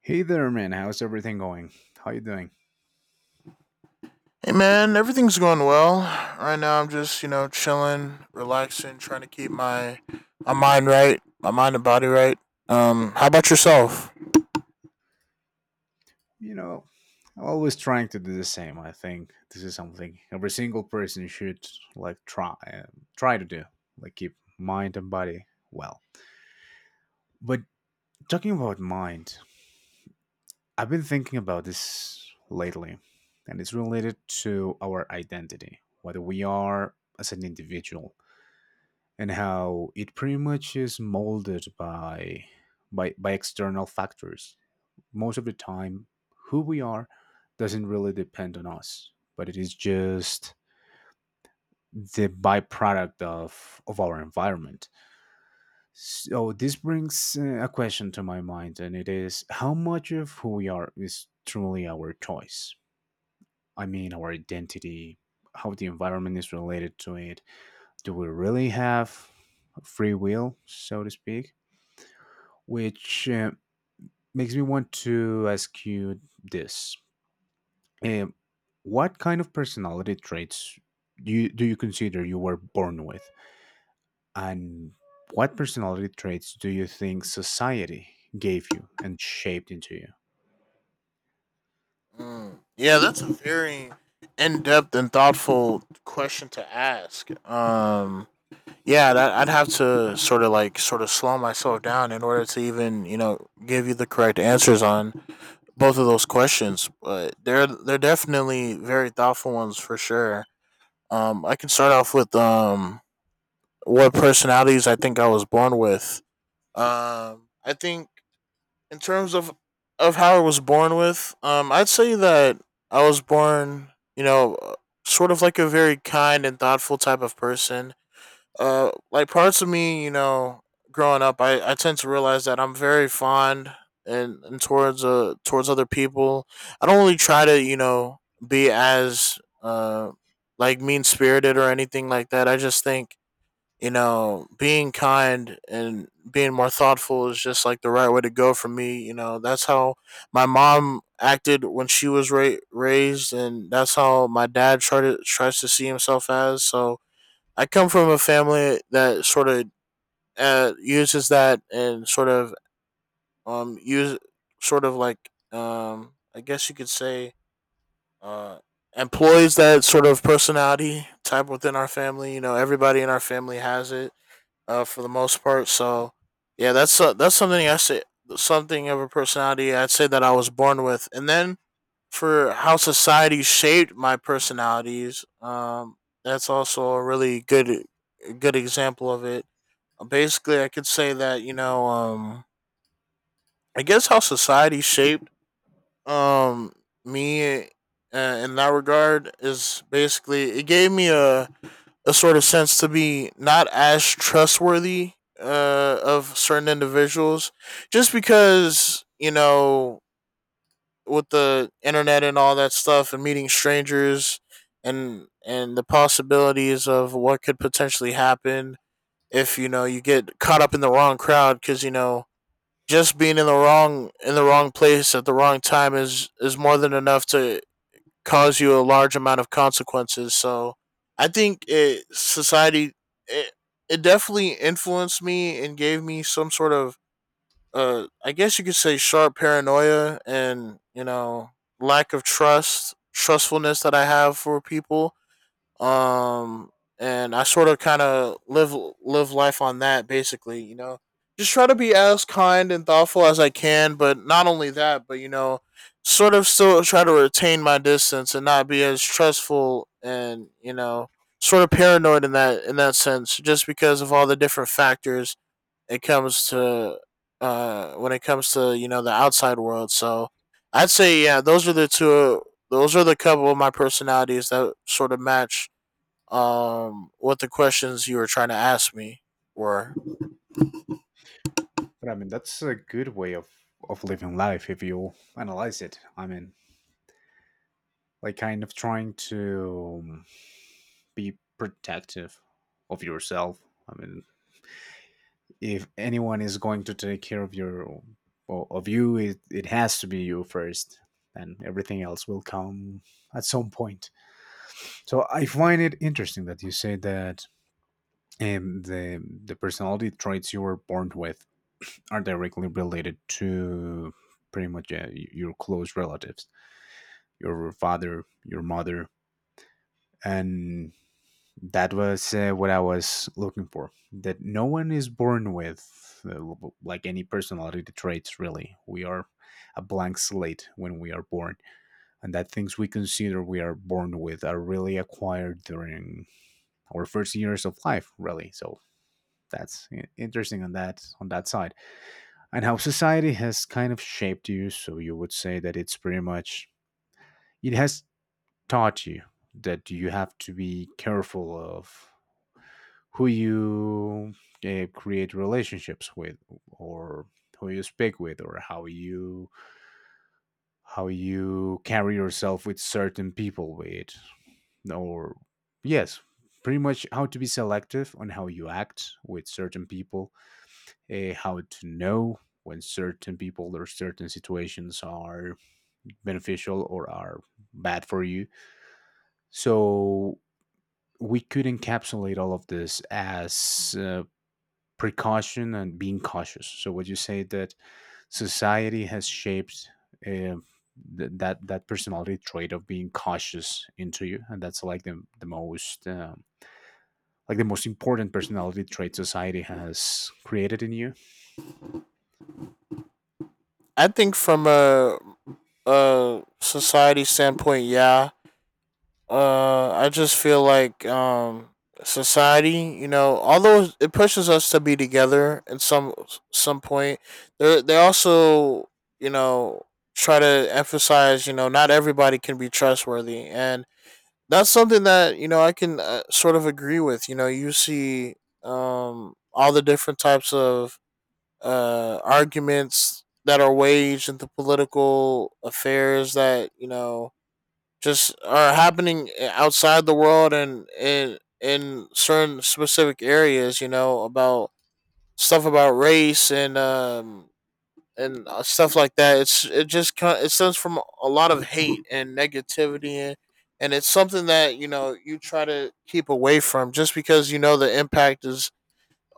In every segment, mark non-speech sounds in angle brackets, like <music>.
Hey there, man. How's everything going? How you doing? Hey man, everything's going well. Right now I'm just, you know, chilling, relaxing, trying to keep my mind right, my mind and body right. How about yourself? You know, I'm always trying to do the same. I think this is something every single person should like try to do, like keep mind and body well. But talking about mind, I've been thinking about this lately, and it's related to our identity, what we are as an individual, and how it pretty much is molded by by external factors. Most of the time who we are doesn't really depend on us, but it is just the byproduct of our environment. So this brings a question to my mind, and it is how much of who we are is truly our choice. I mean, our identity, how the environment is related to it. Do we really have free will, so to speak? Which makes me want to ask you this. Um, what kind of personality traits do you consider you were born with? And what personality traits do you think society gave you and shaped into you? Mm, yeah, that's a very in-depth and thoughtful question to ask. Yeah, that, I'd have to sort of like sort of slow myself down in order to even, you know, give you the correct answers on both of those questions, but they're definitely very thoughtful ones for sure. I can start off with what personalities I think I was born with. I think in terms of how I was born with, I'd say that I was born, you know, sort of like a very kind and thoughtful type of person. Like parts of me, you know, growing up, I tend to realize that I'm very fond and towards towards other people. I don't really try to, you know, be as like mean spirited or anything like that. I just think, you know, being kind and being more thoughtful is just like the right way to go for me. You know, that's how my mom acted when she was raised, and that's how my dad tries to see himself as. So I come from a family that sort of uses that and sort of use sort of like I guess you could say uh employs that sort of personality type within our family. You know, everybody in our family has it, for the most part. So yeah, that's something of a personality I'd say that I was born with. And then for how society shaped my personalities, that's also a really good example of it. Basically, I could say that, you know, I guess how society shaped um me, in that regard, is basically it gave me a sort of sense to be not as trustworthy, of certain individuals, just because, you know, with the internet and all that stuff and meeting strangers and the possibilities of what could potentially happen if, you know, you get caught up in the wrong crowd, because, you know, just being in the wrong place at the wrong time is more than enough to cause you a large amount of consequences. So I think society it, it definitely influenced me and gave me some sort of, I guess you could say, sharp paranoia and, you know, lack of trustfulness that I have for people. Um, and I sort of kind of live life on that basically. You know, just try to be as kind and thoughtful as I can, but not only that, but, you know, sort of still try to retain my distance and not be as stressful and, you know, sort of paranoid in that sense, just because of all the different factors it comes to when it comes to, you know, the outside world. So I'd say yeah, those are the two. Those are the couple of my personalities that sort of match what the questions you were trying to ask me were. But I mean, that's a good way of living life if you analyze it. I mean, like kind of trying to be protective of yourself. I mean, if anyone is going to take care of your well, of you, it has to be you first, and everything else will come at some point. So I find it interesting that you say that, the personality traits you were born with are directly related to pretty much your close relatives, your father, your mother. And that was what I was looking for. That no one is born with like any personality traits. Really, we are a blank slate when we are born, and that things we consider we are born with are really acquired during our first years of life. Really. So that's interesting on that side, and how society has kind of shaped you. So you would say that it's pretty much, it has taught you that you have to be careful of who you create relationships with, or who you speak with, or how you carry yourself with certain people with. Or yes, pretty much how to be selective on how you act with certain people, how to know when certain people or certain situations are beneficial or are bad for you. So we could encapsulate all of this as precaution and being cautious. So would you say that society has shaped uh, that personality trait of being cautious into you, and that's like the most like the most important personality trait society has created in you? I think from a society standpoint, yeah. I just feel like society, you know, although it pushes us to be together in some point, they also, you know, try to emphasize, you know, not everybody can be trustworthy, and that's something that, you know, I can, sort of agree with. You know, you see all the different types of arguments that are waged into political affairs that, you know, just are happening, outside the world and in certain specific areas. You know, about stuff about race and stuff like that. It just it stems from a lot of hate and negativity And it's something that, you know, you try to keep away from, just because, you know, the impact is,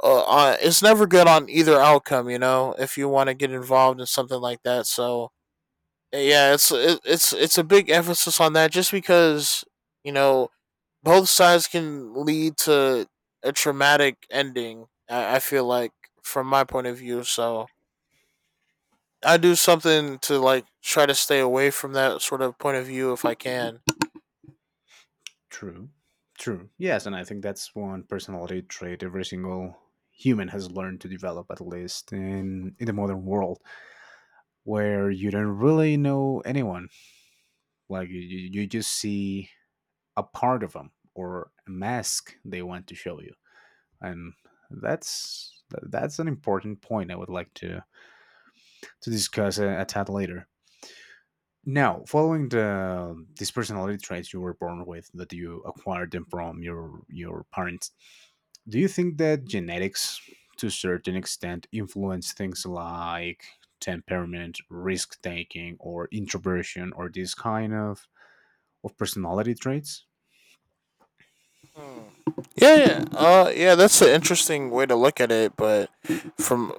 it's never good on either outcome, you know, if you want to get involved in something like that. So eh, yeah, it's it, it's a big emphasis on that, just because, you know, both sides can lead to a traumatic ending. I feel like, from my point of view, so I do something to like try to stay away from that sort of point of view if I can. True. True. Yes, and I think that's one personality trait every single human has learned to develop, at least in the modern world, where you don't really know anyone. Like you just see a part of them or a mask they want to show you. And that's an important point I would like to discuss a tad later. Now, following these personality traits you were born with, that you acquired them from your parents, do you think that genetics to a certain extent influence things like temperament, risk taking, or introversion, or this kind of personality traits? Hmm. Yeah, that's an interesting way to look at it, but from,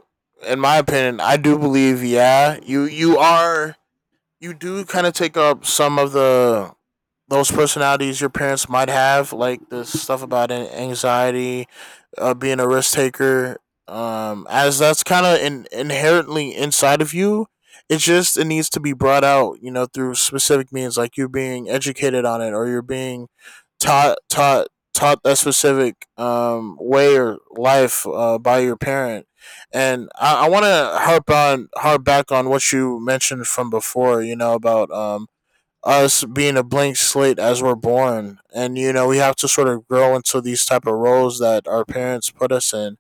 in my opinion, I do believe, yeah, you are, you do kind of take up some of the those personalities your parents might have, like the stuff about anxiety, being a risk taker, as that's kind of inherently inside of you. It just it needs to be brought out, you know, through specific means, like you're being educated on it, or you're being taught that specific, way or life, by your parent. And I want to harp back on what you mentioned from before, you know, about, us being a blank slate as we're born, and you know we have to sort of grow into these type of roles that our parents put us in.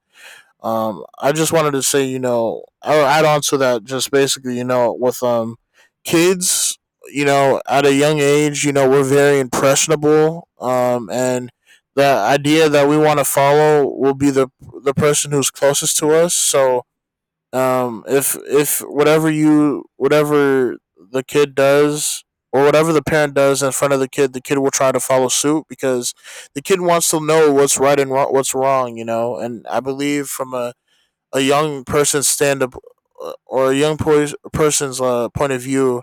I just wanted to say, you know, I'll add on to that. Just basically, you know, with kids, you know, at a young age, you know, we're very impressionable, and the idea that we want to follow will be the person who's closest to us. So if, whatever the kid does or whatever the parent does in front of the kid, the kid will try to follow suit, because the kid wants to know what's right and what's wrong, you know. And I believe from a young person's stand up, or a young po- person's, point of view,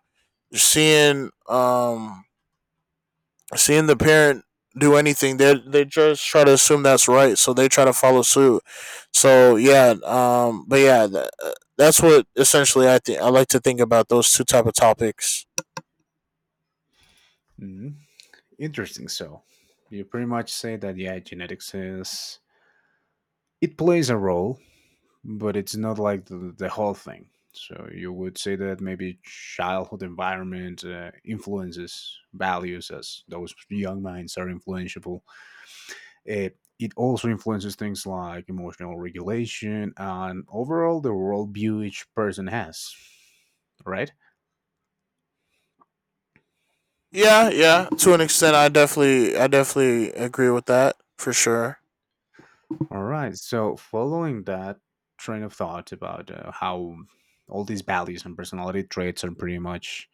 you're seeing the parent do anything, they just try to assume that's right, so they try to follow suit. So yeah, that's what essentially I think I like to think about those two type of topics. Mhm. Interesting. So you pretty much say that yeah, genetics is, it plays a role, but it's not like the whole thing. So you would say that maybe childhood environment influences values, as those young minds are influenceable. Uh, it also influences things like emotional regulation and overall the worldview each person has, right? Yeah, yeah, to an extent, I definitely agree with that for sure. All right. So, following that train of thought about how all these values and personality traits are pretty much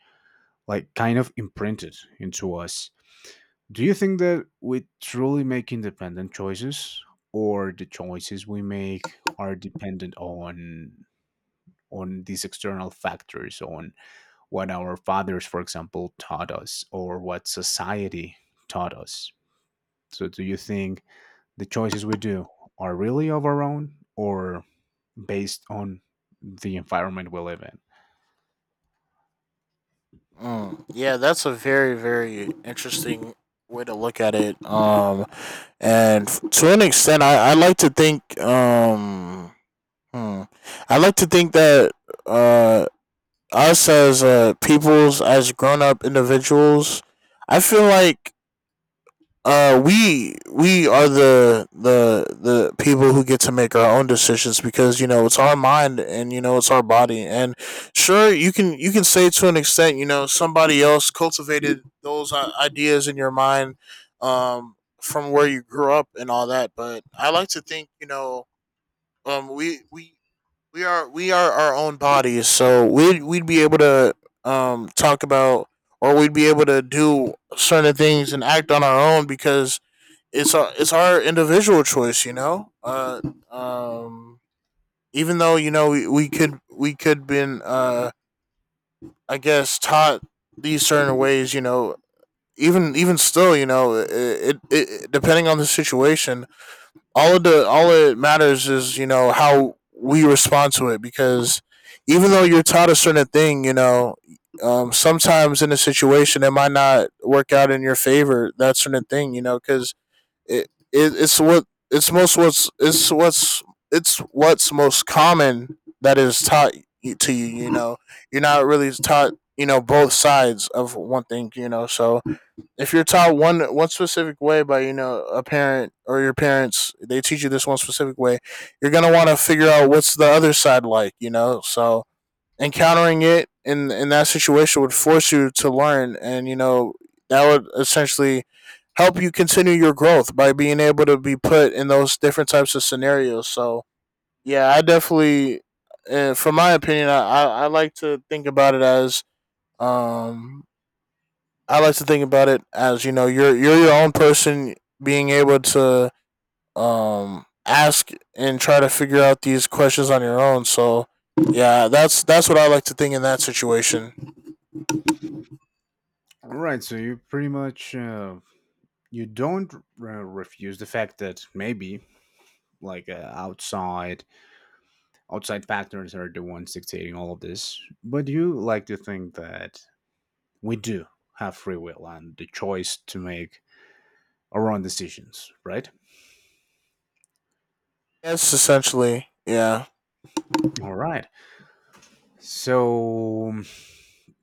like kind of imprinted into us, do you think that we truly make independent choices, or the choices we make are dependent on these external factors, on what our fathers, for example, taught us, or what society taught us? So, do you think the choices we do are really of our own, or based on the environment we live in? Mm. Yeah, that's a very interesting way to look at it. To an extent, I like to think, hmm, I like to think that uh us as, peoples, as grown up individuals, I feel like, we are the people who get to make our own decisions, because, you know, it's our mind, and, you know, it's our body, and sure, you can say to an extent, you know, somebody else cultivated those ideas in your mind, um, from where you grew up and all that. But I like to think, you know, um, we we we are, we are our own bodies, so we'd be able to talk about or we'd be able to do certain things and act on our own, because it's our individual choice, you know. Um, Even though, you know, we could been I guess taught these certain ways, you know. Even still, you know, it depending on the situation, all of the all it matters is, you know, how we respond to it. Because even though you're taught a certain thing, you know, sometimes in a situation it might not work out in your favor, that certain thing, you know. Because it's what it's most what's it's what's it's what's most common that is taught to you, you know. You're not really taught, you know, both sides of one thing, you know. So if you're taught one specific way, by, you know, a parent or your parents, they teach you this one specific way, you're going to want to figure out what's the other side like, you know. So encountering it in that situation would force you to learn, and, you know, that would essentially help you continue your growth by being able to be put in those different types of scenarios. So yeah, I definitely from my opinion, I like to think about it as um I like to think about it as, you know, you're your own person, being able to ask and try to figure out these questions on your own. So yeah, that's what I like to think in that situation. Right, so you pretty much you don't r refuse the fact that maybe like outside factors are the ones dictating all of this, but you like to think that we do have free will and the choice to make our own decisions, right? That's essentially, yeah. All right. So,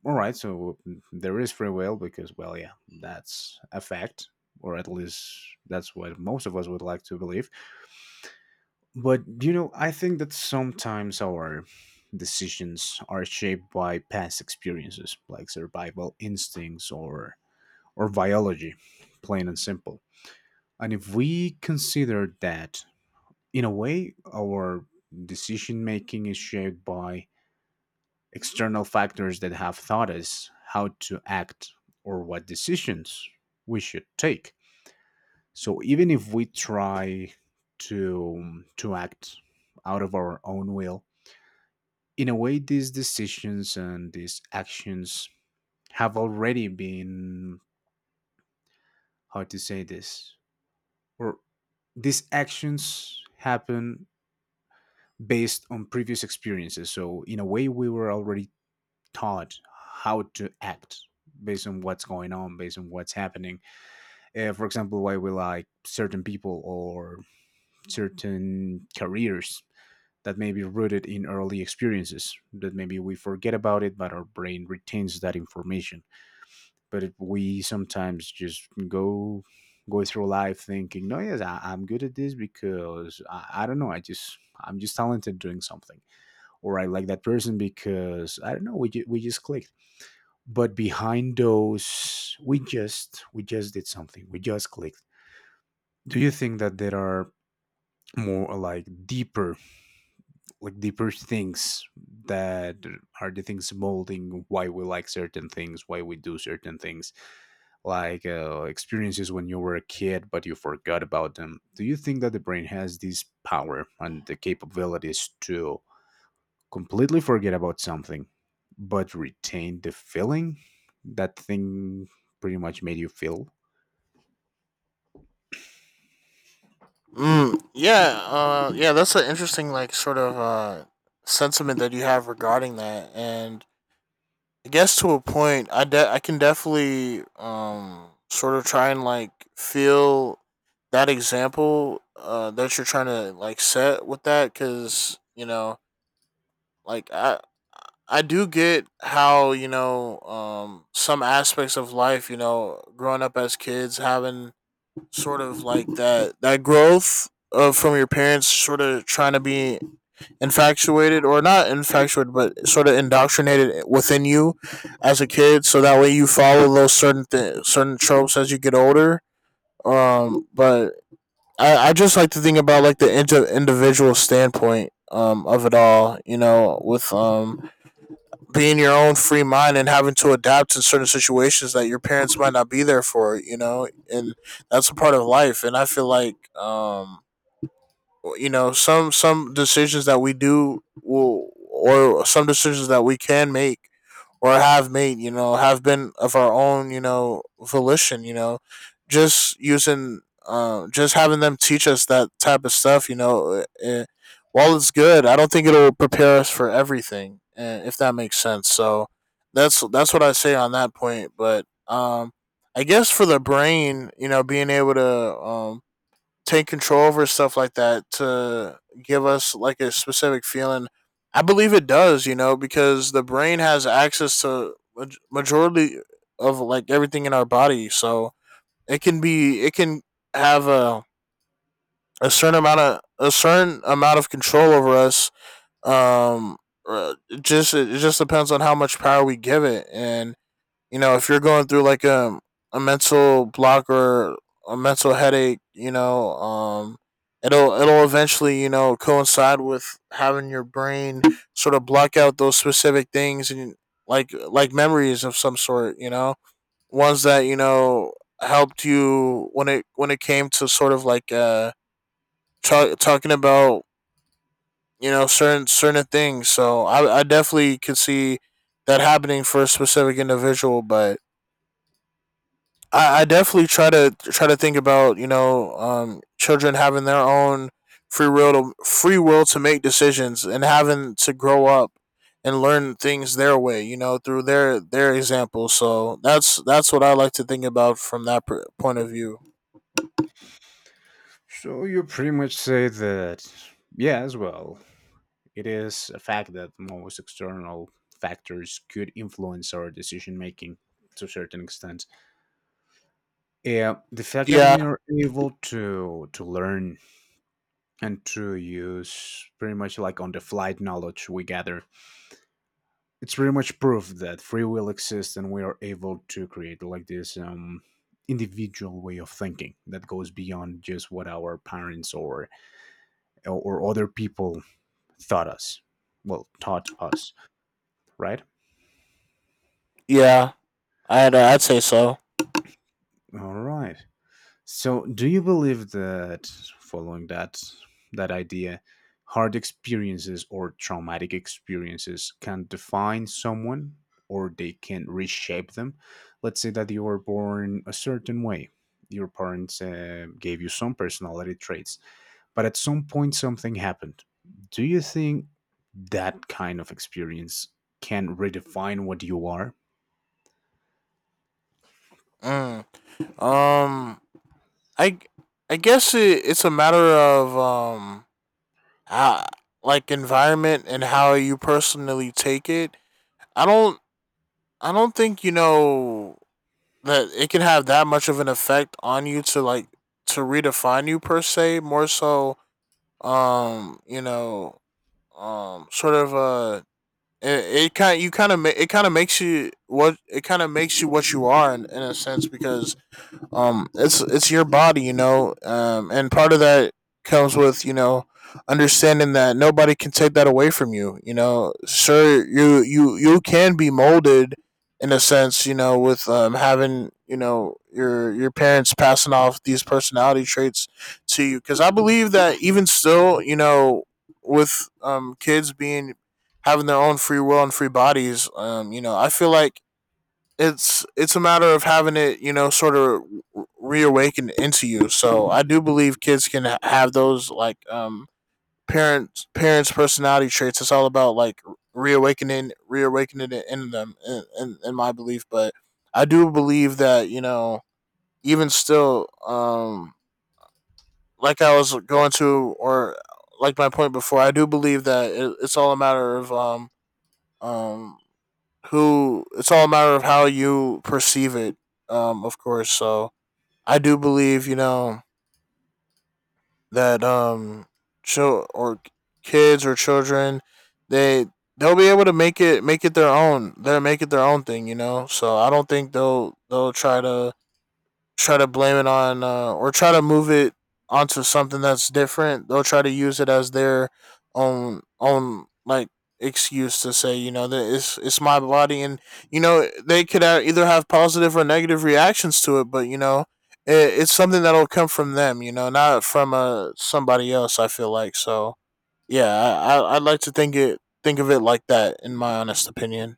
all right. So there is free will because, well, yeah, that's a fact, or at least that's what most of us would like to believe. But you know, I think that sometimes our decisions are shaped by past experiences, like survival instincts or biology, plain and simple. And if we consider that, in a way our decision making is shaped by external factors that have taught us how to act or what decisions we should take. So even if we try to act out of our own will, in a way, these decisions and these actions have already been, how to say this, or these actions happen based on previous experiences. So, in a way, we were already taught how to act based on what's going on, based on what's happening. For example, why we like certain people or certain careers, that may be rooted in early experiences that maybe we forget about it, but our brain retains that information. But it, we sometimes just go through life thinking, no, yes, I, I'm good at this because I don't know, I'm just talented doing something. Or I like that person because I don't know, we just clicked. But behind those, we just did something, we just clicked. Do you think that there are more like deeper things that are the things molding why we like certain things, why we do certain things, like experiences when you were a kid but you forgot about them? Do you think that the brain has this power and the capabilities to completely forget about something but retain the feeling that thing pretty much made you feel? Yeah, that's an interesting like sort of sentiment that you have regarding that. And I guess to a point, I can definitely sort of try and like feel that example that you're trying to like set with that, because you know like I do get how you know some aspects of life, you know, growing up as kids, having sort of like that growth of from your parents sort of trying to be infatuated, or not infatuated but sort of indoctrinated within you as a kid, so that way you follow those certain tropes as you get older. But I just like to think about like individual standpoint of it all, you know, with being your own free mind and having to adapt to certain situations that your parents might not be there for, you know. And that's a part of life, and I feel like you know some decisions that we do will, or some decisions that we can make or have made, you know, have been of our own, you know, volition, you know. Just using just having them teach us that type of stuff, you know. While it's good, I don't think it'll prepare us for everything, if that makes sense. So that's what I say on that point. But I guess for the brain, you know, being able to take control over stuff like that to give us like a specific feeling. I believe it does, you know, because the brain has access to majority of like everything in our body, so it can have a certain amount of a certain amount of control over us. Um, uh, just it just depends on how much power we give it. And you know, if you're going through like a mental block or a mental headache, you know, it'll eventually, you know, coincide with having your brain sort of block out those specific things and like memories of some sort, you know, ones that you know helped you when it came to sort of like talking about, you know, certain things. So I definitely could see that happening for a specific individual. But I definitely try to think about, you know, children having their own free will to make decisions and having to grow up and learn things their way, you know, through their example. So that's what I like to think about from point of view. So you pretty much say that yes, well, it is a fact that most external factors could influence our decision making to a certain extent. Yeah, the fact that Yeah. we are able to learn and to use pretty much like on the flight knowledge we gather, it's pretty much proof that free will exists and we are able to create like this individual way of thinking that goes beyond just what our parents or other people thought us, well, taught us, right? Yeah, I'd say so. All right. So, do you believe that, following that idea, hard experiences or traumatic experiences can define someone or they can reshape them? Let's say that you were born a certain way. Your parents gave you some personality traits, but at some point something happened. Do you think that kind of experience can redefine what you are? Mm. um i g- I guess it's a matter of how, like environment and how you personally take it. I don't I don't think, you know, that it can have that much of an effect on you to like to redefine you per se. More so, you know, um, sort of uh, it kind you kind of ma- it kind of makes you what you are, in a sense, because it's your body, you know, and part of that comes with, you know, understanding that nobody can take that away from you, you know. Sure, you can be molded in a sense, you know, with having, you know, your parents passing off these personality traits to you. Because I believe that even still, you know, with kids being having their own free will and free bodies, you know, I feel like it's a matter of having it, you know, sort of reawakened into you. So I do believe kids can have those like parents personality traits. It's all about like reawakening it in them, in my belief. But I do believe that, you know, even still, like I was going to, or like my point before, I do believe that it's all a matter of um who it's all a matter of how you perceive it, of course. So I do believe, you know, that chil- or kids or children, they they'll be able to make it their own. They'll make it their own thing, you know. So I don't think they'll try to blame it on, or try to move it onto something that's different. They'll try to use it as their own like excuse to say, you know, that it's my body. And you know, they could either have positive or negative reactions to it, but you know it's something that'll come from them, you know, not from somebody else. I feel like. So yeah, I'd like to think of it like that, in my honest opinion.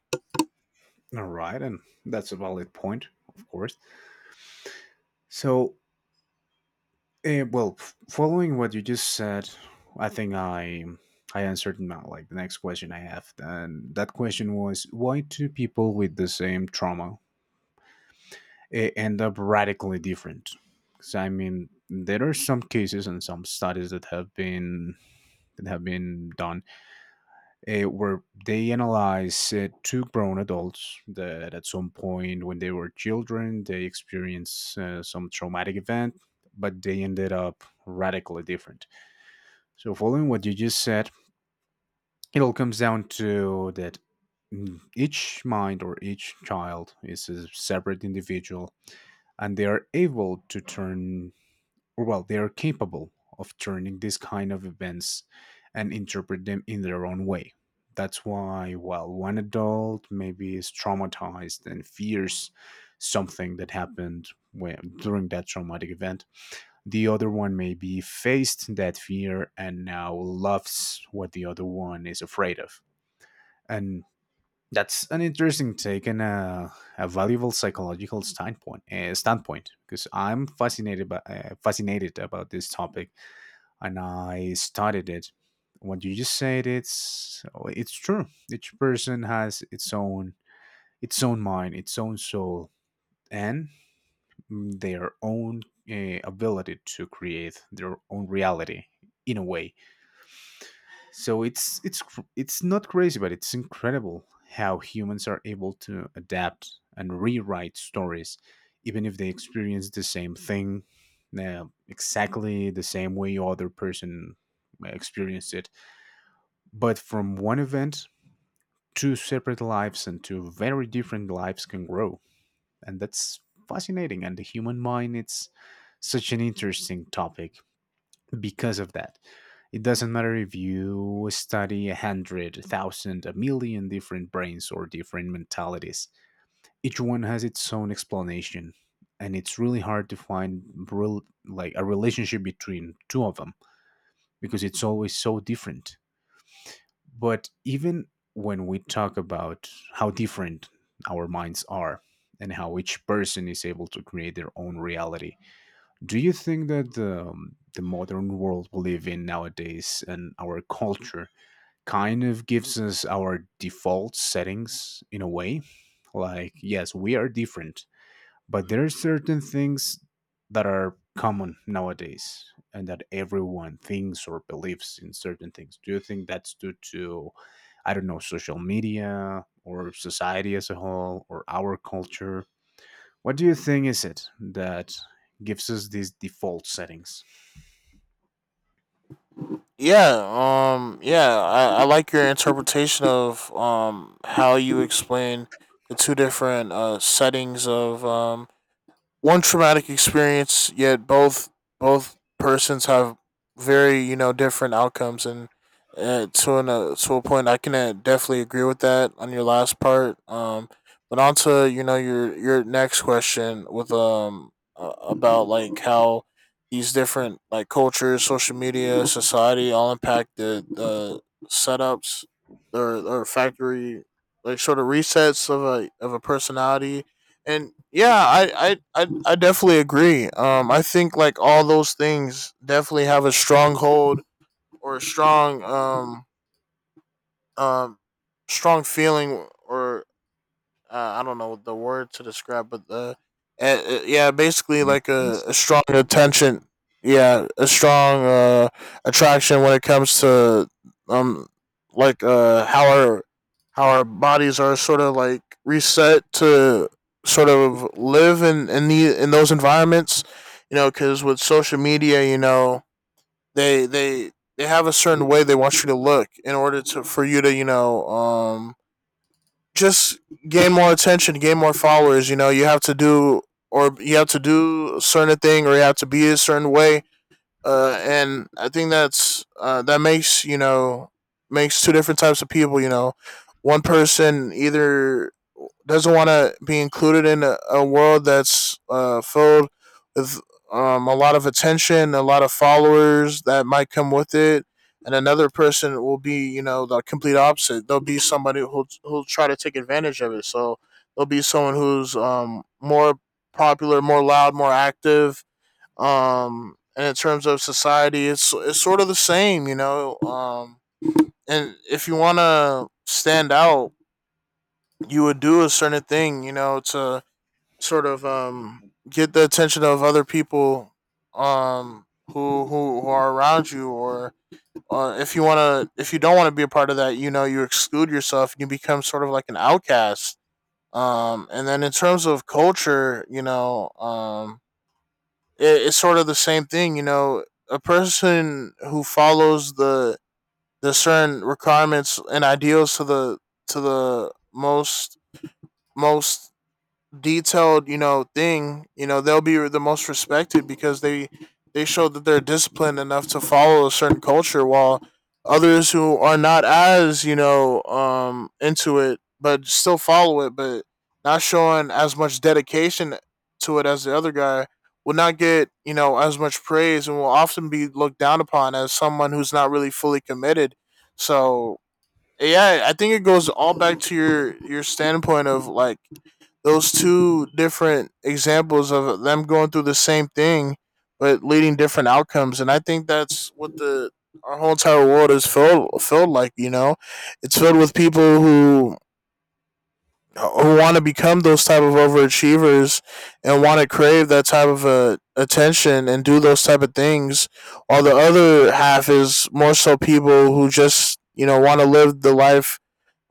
All right, and that's a valid point, of course. So, following what you just said, I think I answered my, like, the next question I have, and that question was, why two people with the same trauma end up radically different? Because I mean, there are some cases and some studies that have been done where they analyze two grown adults that at some point when they were children they experienced some traumatic event, but they ended up radically different. So, following what you just said, it all comes down to that. Mm, each mind or each child is a separate individual, and they are able to turn, or well, they are capable of turning this kind of events and interpret them in their own way. That's why, well, one adult maybe is traumatized and fears something that happened when, during that traumatic event, the other one maybe faced that fear and now loves what the other one is afraid of. And that's an interesting take and a valuable psychological standpoint. Standpoint, because I'm fascinated by, fascinated about this topic, and I studied it. What you just said, it's, oh, it's true. Each person has its own mind, its own soul, and mm, their own ability to create their own reality in a way. So it's it's not crazy, but it's incredible how humans are able to adapt and rewrite stories, even if they experience the same thing exactly the same way other person experienced it. But from one event, two separate lives and two very different lives can grow, and that's fascinating. And the human mind, it's such an interesting topic. Because of that, it doesn't matter if you study 100, 1,000, 1,000,000 different brains or different mentalities. Each one has its own explanation, and it's really hard to find real, like, a relationship between two of them because it's always so different. But even when we talk about how different our minds are and how each person is able to create their own reality, do you think that the modern world we live in nowadays and our culture kind of gives us our default settings in a way? Like, yes, we are different, but there are certain things that are common nowadays, and that everyone thinks or believes in certain things. Do you think that's due to, I don't know, social media or society as a whole or our culture? What do you think is it that gives us these default settings? Yeah, yeah, I like your interpretation of how you explain the two different settings of one traumatic experience, yet both persons have very, you know, different outcomes. And to a point, I can definitely agree with that on your last part. But on to, you know, your next question with about like how these different like cultures, social media, society all impact the setups or factory like sort of resets of a personality. And yeah, I definitely agree. I think like all those things definitely have a stronghold, or a strong um strong feeling, or I don't know the word to describe, but the yeah, basically An like a influence. strong attention, yeah, a strong attraction when it comes to um like how our bodies are sort of like reset to sort of live in those environments, you know, because with social media, you know, they have a certain way they want you to look in order to for you to, you know, just gain more attention, gain more followers. You know, you have to do, or you have to do a certain thing, or you have to be a certain way. And I think that's that makes, you know, makes two different types of people. You know, one person either doesn't want to be included in a world that's filled with a lot of attention, a lot of followers that might come with it, and another person will be, you know, the complete opposite. There will be somebody who'll who'll try to take advantage of it. So there will be someone who's more popular, more loud, more active. And in terms of society, it's sort of the same, you know. And if you want to stand out, you would do a certain thing, you know, to sort of get the attention of other people, who who are around you. Or if you want to, if you don't want to be a part of that, you know, you exclude yourself and you become sort of like an outcast. And then in terms of culture, you know, it's sort of the same thing, you know. A person who follows the certain requirements and ideals to the most most detailed, you know, thing, you know, they'll be the most respected because they show that they're disciplined enough to follow a certain culture, while others who are not as, you know, into it, but still follow it, but not showing as much dedication to it as the other guy, will not get, you know, as much praise and will often be looked down upon as someone who's not really fully committed. So yeah, I think it goes all back to your standpoint of like those two different examples of them going through the same thing but leading different outcomes. And I think that's what the our whole entire world is filled like, you know, it's filled with people who want to become those type of overachievers and want to crave that type of attention and do those type of things, while the other half is more so people who just, you know, want to live the life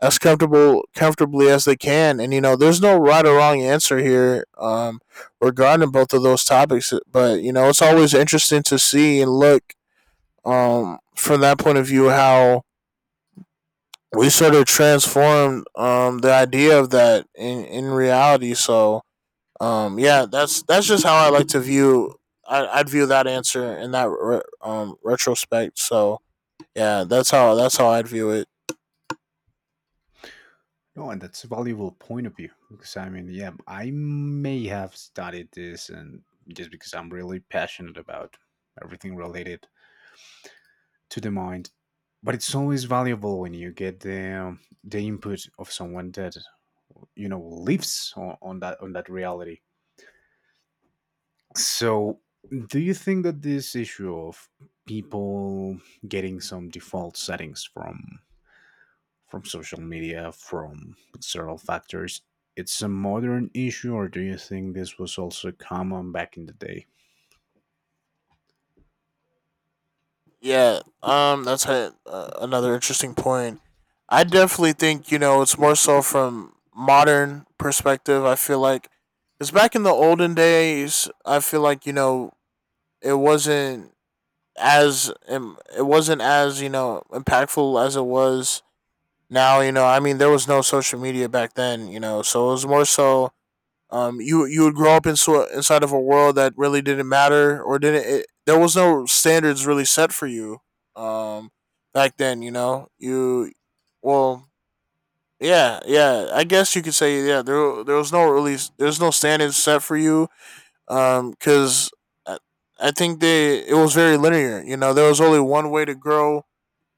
as comfortable comfortably as they can. And you know, there's no right or wrong answer here, regarding both of those topics. But you know, it's always interesting to see and look, from that point of view, how we sort of transformed, the idea of that in reality. So yeah, that's just how I like to view. I'd view that answer in that retrospect. So yeah, that's how I'd view it. No, and that's a valuable point of view, because I mean, yeah, I may have studied this, and just because I'm really passionate about everything related to the mind. But it's always valuable when you get the input of someone that, you know, lives on that, on that reality. So do you think that this issue of people getting some default settings from social media, from external factors, it's a modern issue? Or do you think this was also common back in the day? Yeah, that's a, another interesting point. I definitely think, you know, it's more so from modern perspective. I feel like because back in the olden days, I feel like it wasn't it wasn't as impactful as it was now. There was no social media back then. So it was more so you would grow up in inside of a world that really didn't matter or didn't. There was no standards really set for you. Um, back then, well, yeah, yeah. I guess you could say yeah. There was no really there's no standards set for you. Because I, I think they it was very linear. You know, there was only one way to grow.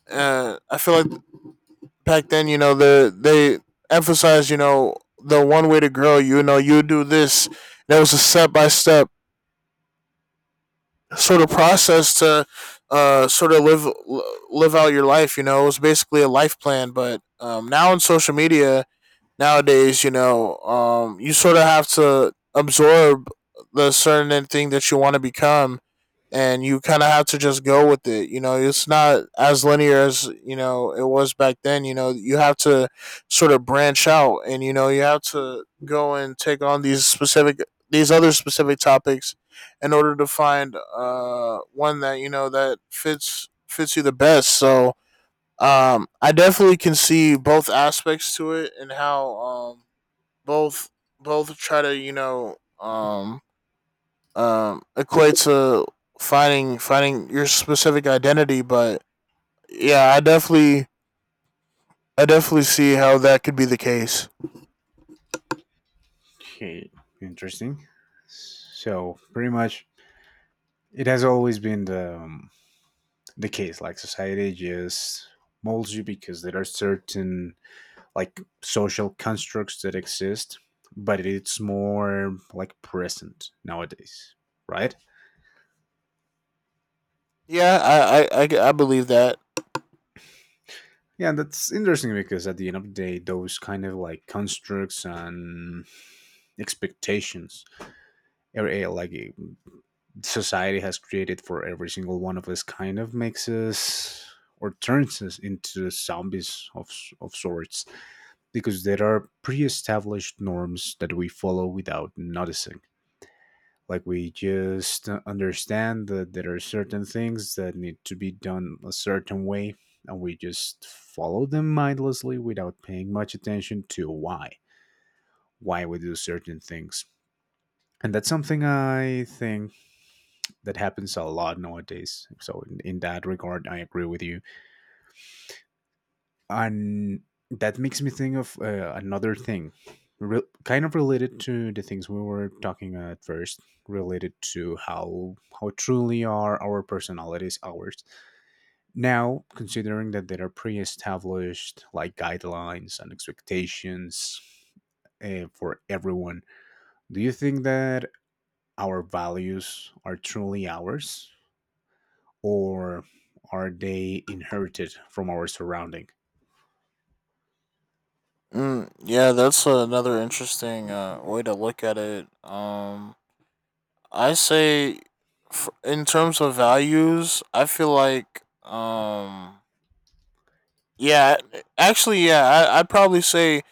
I feel like back then, they emphasized, the one way to grow. You know, you do this. There was a step by step sort of process to sort of live out your life. You know, it was basically a life plan. But now in social media nowadays, you sort of have to absorb the certain thing that you want to become, and you kind of have to just go with it. You know, it's not as linear as it was back then. You know, you have to sort of branch out, and you know, you have to go and take on these specific these other specific topics in order to find one that that fits you the best. So I definitely can see both aspects to it, and how both try to equate to finding your specific identity. But yeah, I definitely see how that could be the case. Okay, interesting. So pretty much, it has always been the case. Like, society just molds you because there are certain, like, social constructs that exist, but it's more like present nowadays, right? Yeah, I believe that. Yeah, that's interesting because at the end of the day, those kind of, like, constructs and expectations, or, eh, like, society has created for every single one of us, kind of makes us or turns us into zombies of sorts, because there are pre-established norms that we follow without noticing. Like, we just understand that there are certain things that need to be done a certain way, and we just follow them mindlessly without paying much attention to why we do certain things. And that's something I think that happens a lot nowadays, so in that regard, I agree with you. And that makes me think of another thing, kind of related to the things we were talking at first, related to how truly are our personalities ours, now considering that there are pre-established, like, guidelines and expectations for everyone. Do you think that our values are truly ours, or are they inherited from our surrounding? Mm, yeah, that's another interesting way to look at it. I say, in terms of values, I feel like yeah, actually, yeah, I'd probably say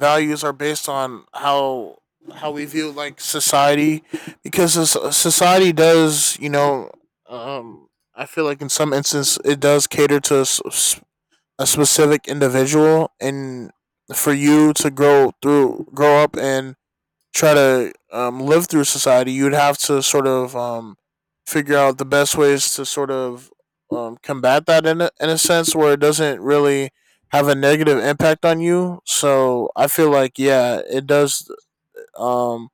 values are based on how we view like society, because society does, you know, um, I feel like in some instance it does cater to a specific individual, and for you to grow up and try to live through society, you'd have to sort of figure out the best ways to sort of combat that in in a sense where it doesn't really have a negative impact on you. So I feel like yeah, it does. Um,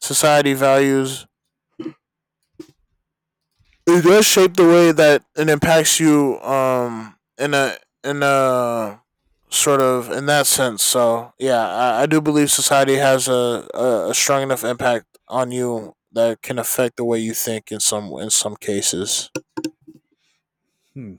society values it does shape the way that it impacts you in a in a sort of in that sense, so yeah I do believe society has a a strong enough impact on you that can affect the way you think in some cases. Hmm.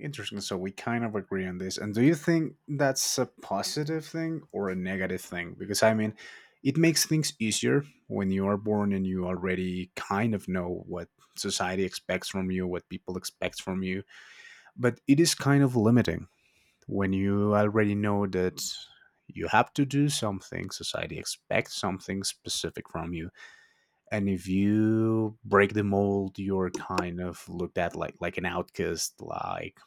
Interesting. So we kind of agree on this. And do you think that's a positive thing or a negative thing? Because I mean, it makes things easier when you are born and you already kind of know what society expects from you, what people expect from you. But it is kind of limiting when you already know that you have to do something, society expects something specific from you. And if you break the mold, you're kind of looked at like an outcast, like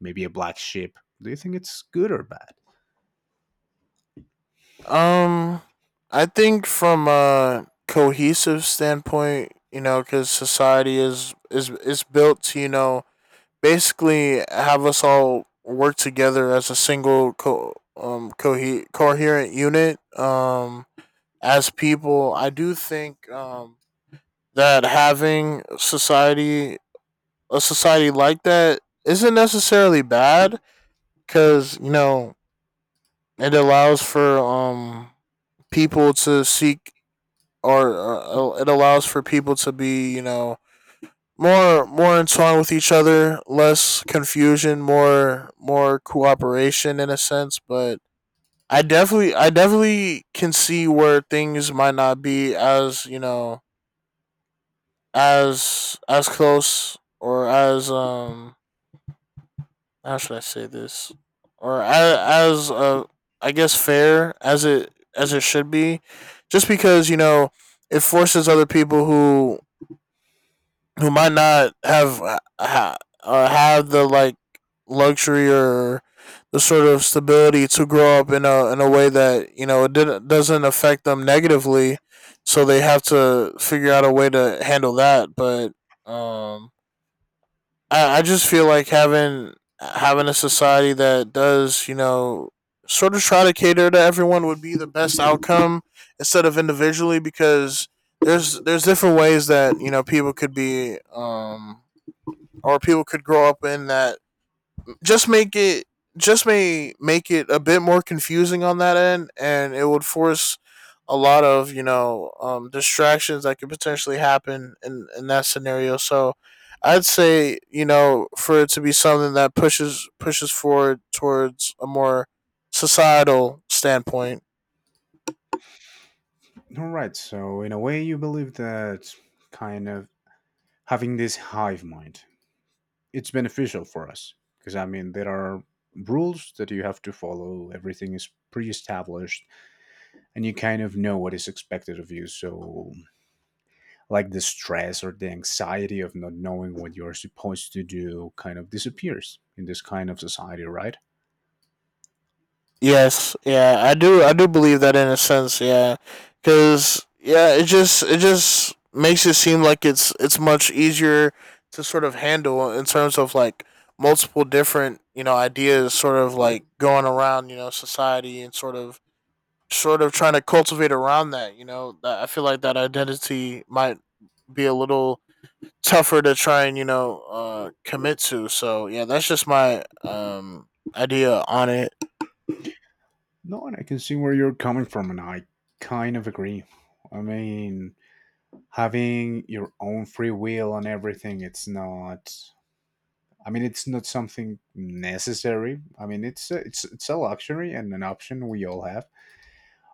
maybe a black sheep. Do you think it's good or bad? um I think from a cohesive standpoint, you know, because society is is built to, you know, basically have us all work together as a single coherent unit, as people. I do think that having society a society like that isn't necessarily bad, because you know it allows for people to seek, or it allows for people to be, you know, more in tune with each other, less confusion, more cooperation in a sense. But I definitely can see where things might not be as, you know, as close or as how should I say this? Or as, I guess fair as it should be, just because, you know, it forces other people who might not have have the like luxury, or the sort of stability to grow up in a way that you know it didn't, doesn't affect them negatively, so they have to figure out a way to handle that. But um, I just feel like having having a society that does, you know, sort of try to cater to everyone would be the best outcome instead of individually, because there's different ways that you know people could be or people could grow up in that just make it just may make it a bit more confusing on that end, and it would force a lot of, you know, distractions that could potentially happen in that scenario. So I'd say, you know, for it to be something that pushes forward towards a more societal standpoint. All right. So in a way, you believe that, kind of, having this hive mind, it's beneficial for us, because I mean, there are rules that you have to follow. Everything is pre-established, and you kind of know what is expected of you. So, like, the stress or the anxiety of not knowing what you're supposed to do kind of disappears in this kind of society, right? Yes, yeah, I do. I do believe that in a sense, yeah, because yeah, it just makes it seem like it's much easier to sort of handle in terms of like multiple different, you know, ideas sort of like going around, you know, society, and sort of trying to cultivate around that, you know, that I feel like that identity might be a little tougher to try and, you know, commit to. So yeah, that's just my idea on it. No, and I can see where you're coming from, and I kind of agree. I mean, having your own free will and everything, it's not. I mean, it's not something necessary. I mean, it's a luxury and an option we all have.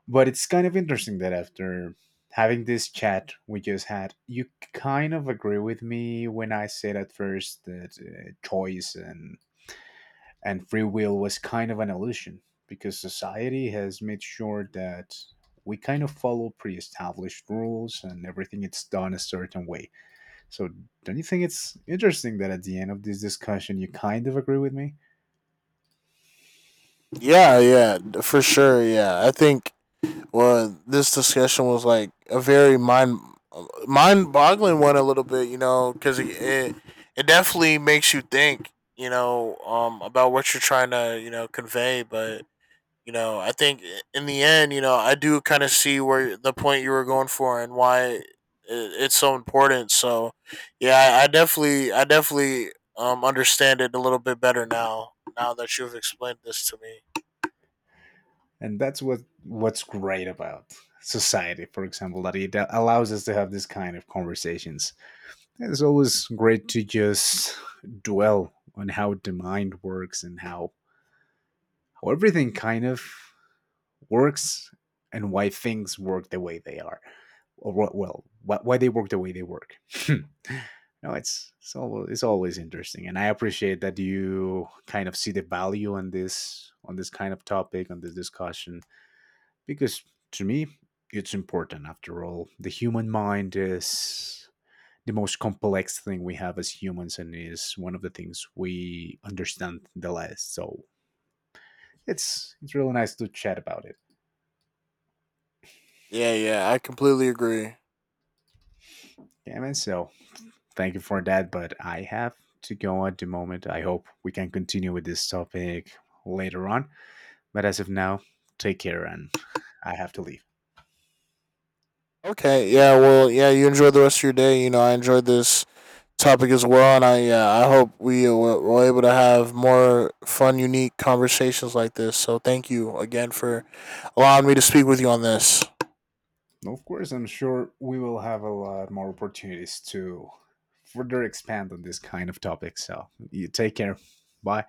But it's kind of interesting that after having this chat we just had, you kind of agree with me when I said at first that choice and free will was kind of an illusion, because society has made sure that we kind of follow pre-established rules and everything it's done a certain way. So, don't you think it's interesting that at the end of this discussion you kind of agree with me? Yeah, yeah, for sure. Yeah, I think well, this discussion was like a very mind boggling one a little bit, you know, because it definitely makes you think, you know, about what you're trying to, you know, convey. But you know, I think in the end, you know, I do kind of see where the point you were going for and why it's so important. So yeah, I definitely understand it a little bit better now. Now that you've explained this to me. And that's what's great about society, for example, that it allows us to have this kind of conversations. Yeah, it's always great to just dwell on how the mind works, and how everything kind of works, and why things work the way they are. Or what, well, why they work the way they work. <laughs> No, it's, it's always interesting, and I appreciate that you kind of see the value on this, on this kind of topic, on this discussion. Because to me, it's important. After all, the human mind is the most complex thing we have as humans, and is one of the things we understand the less. So it's really nice to chat about it. Yeah, yeah, I completely agree. Yeah, man. So thank you for that. But I have to go at the moment. I hope we can continue with this topic later on. But as of now, take care, and I have to leave. Okay, yeah, well, yeah, you enjoy the rest of your day. You know, I enjoyed this topic as well, and I yeah, I hope we were able to have more fun, unique conversations like this. So thank you again for allowing me to speak with you on this. Of course, I'm sure we will have a lot more opportunities to further expand on this kind of topic. So you take care. Bye.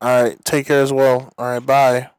All right, take care as well. All right, bye.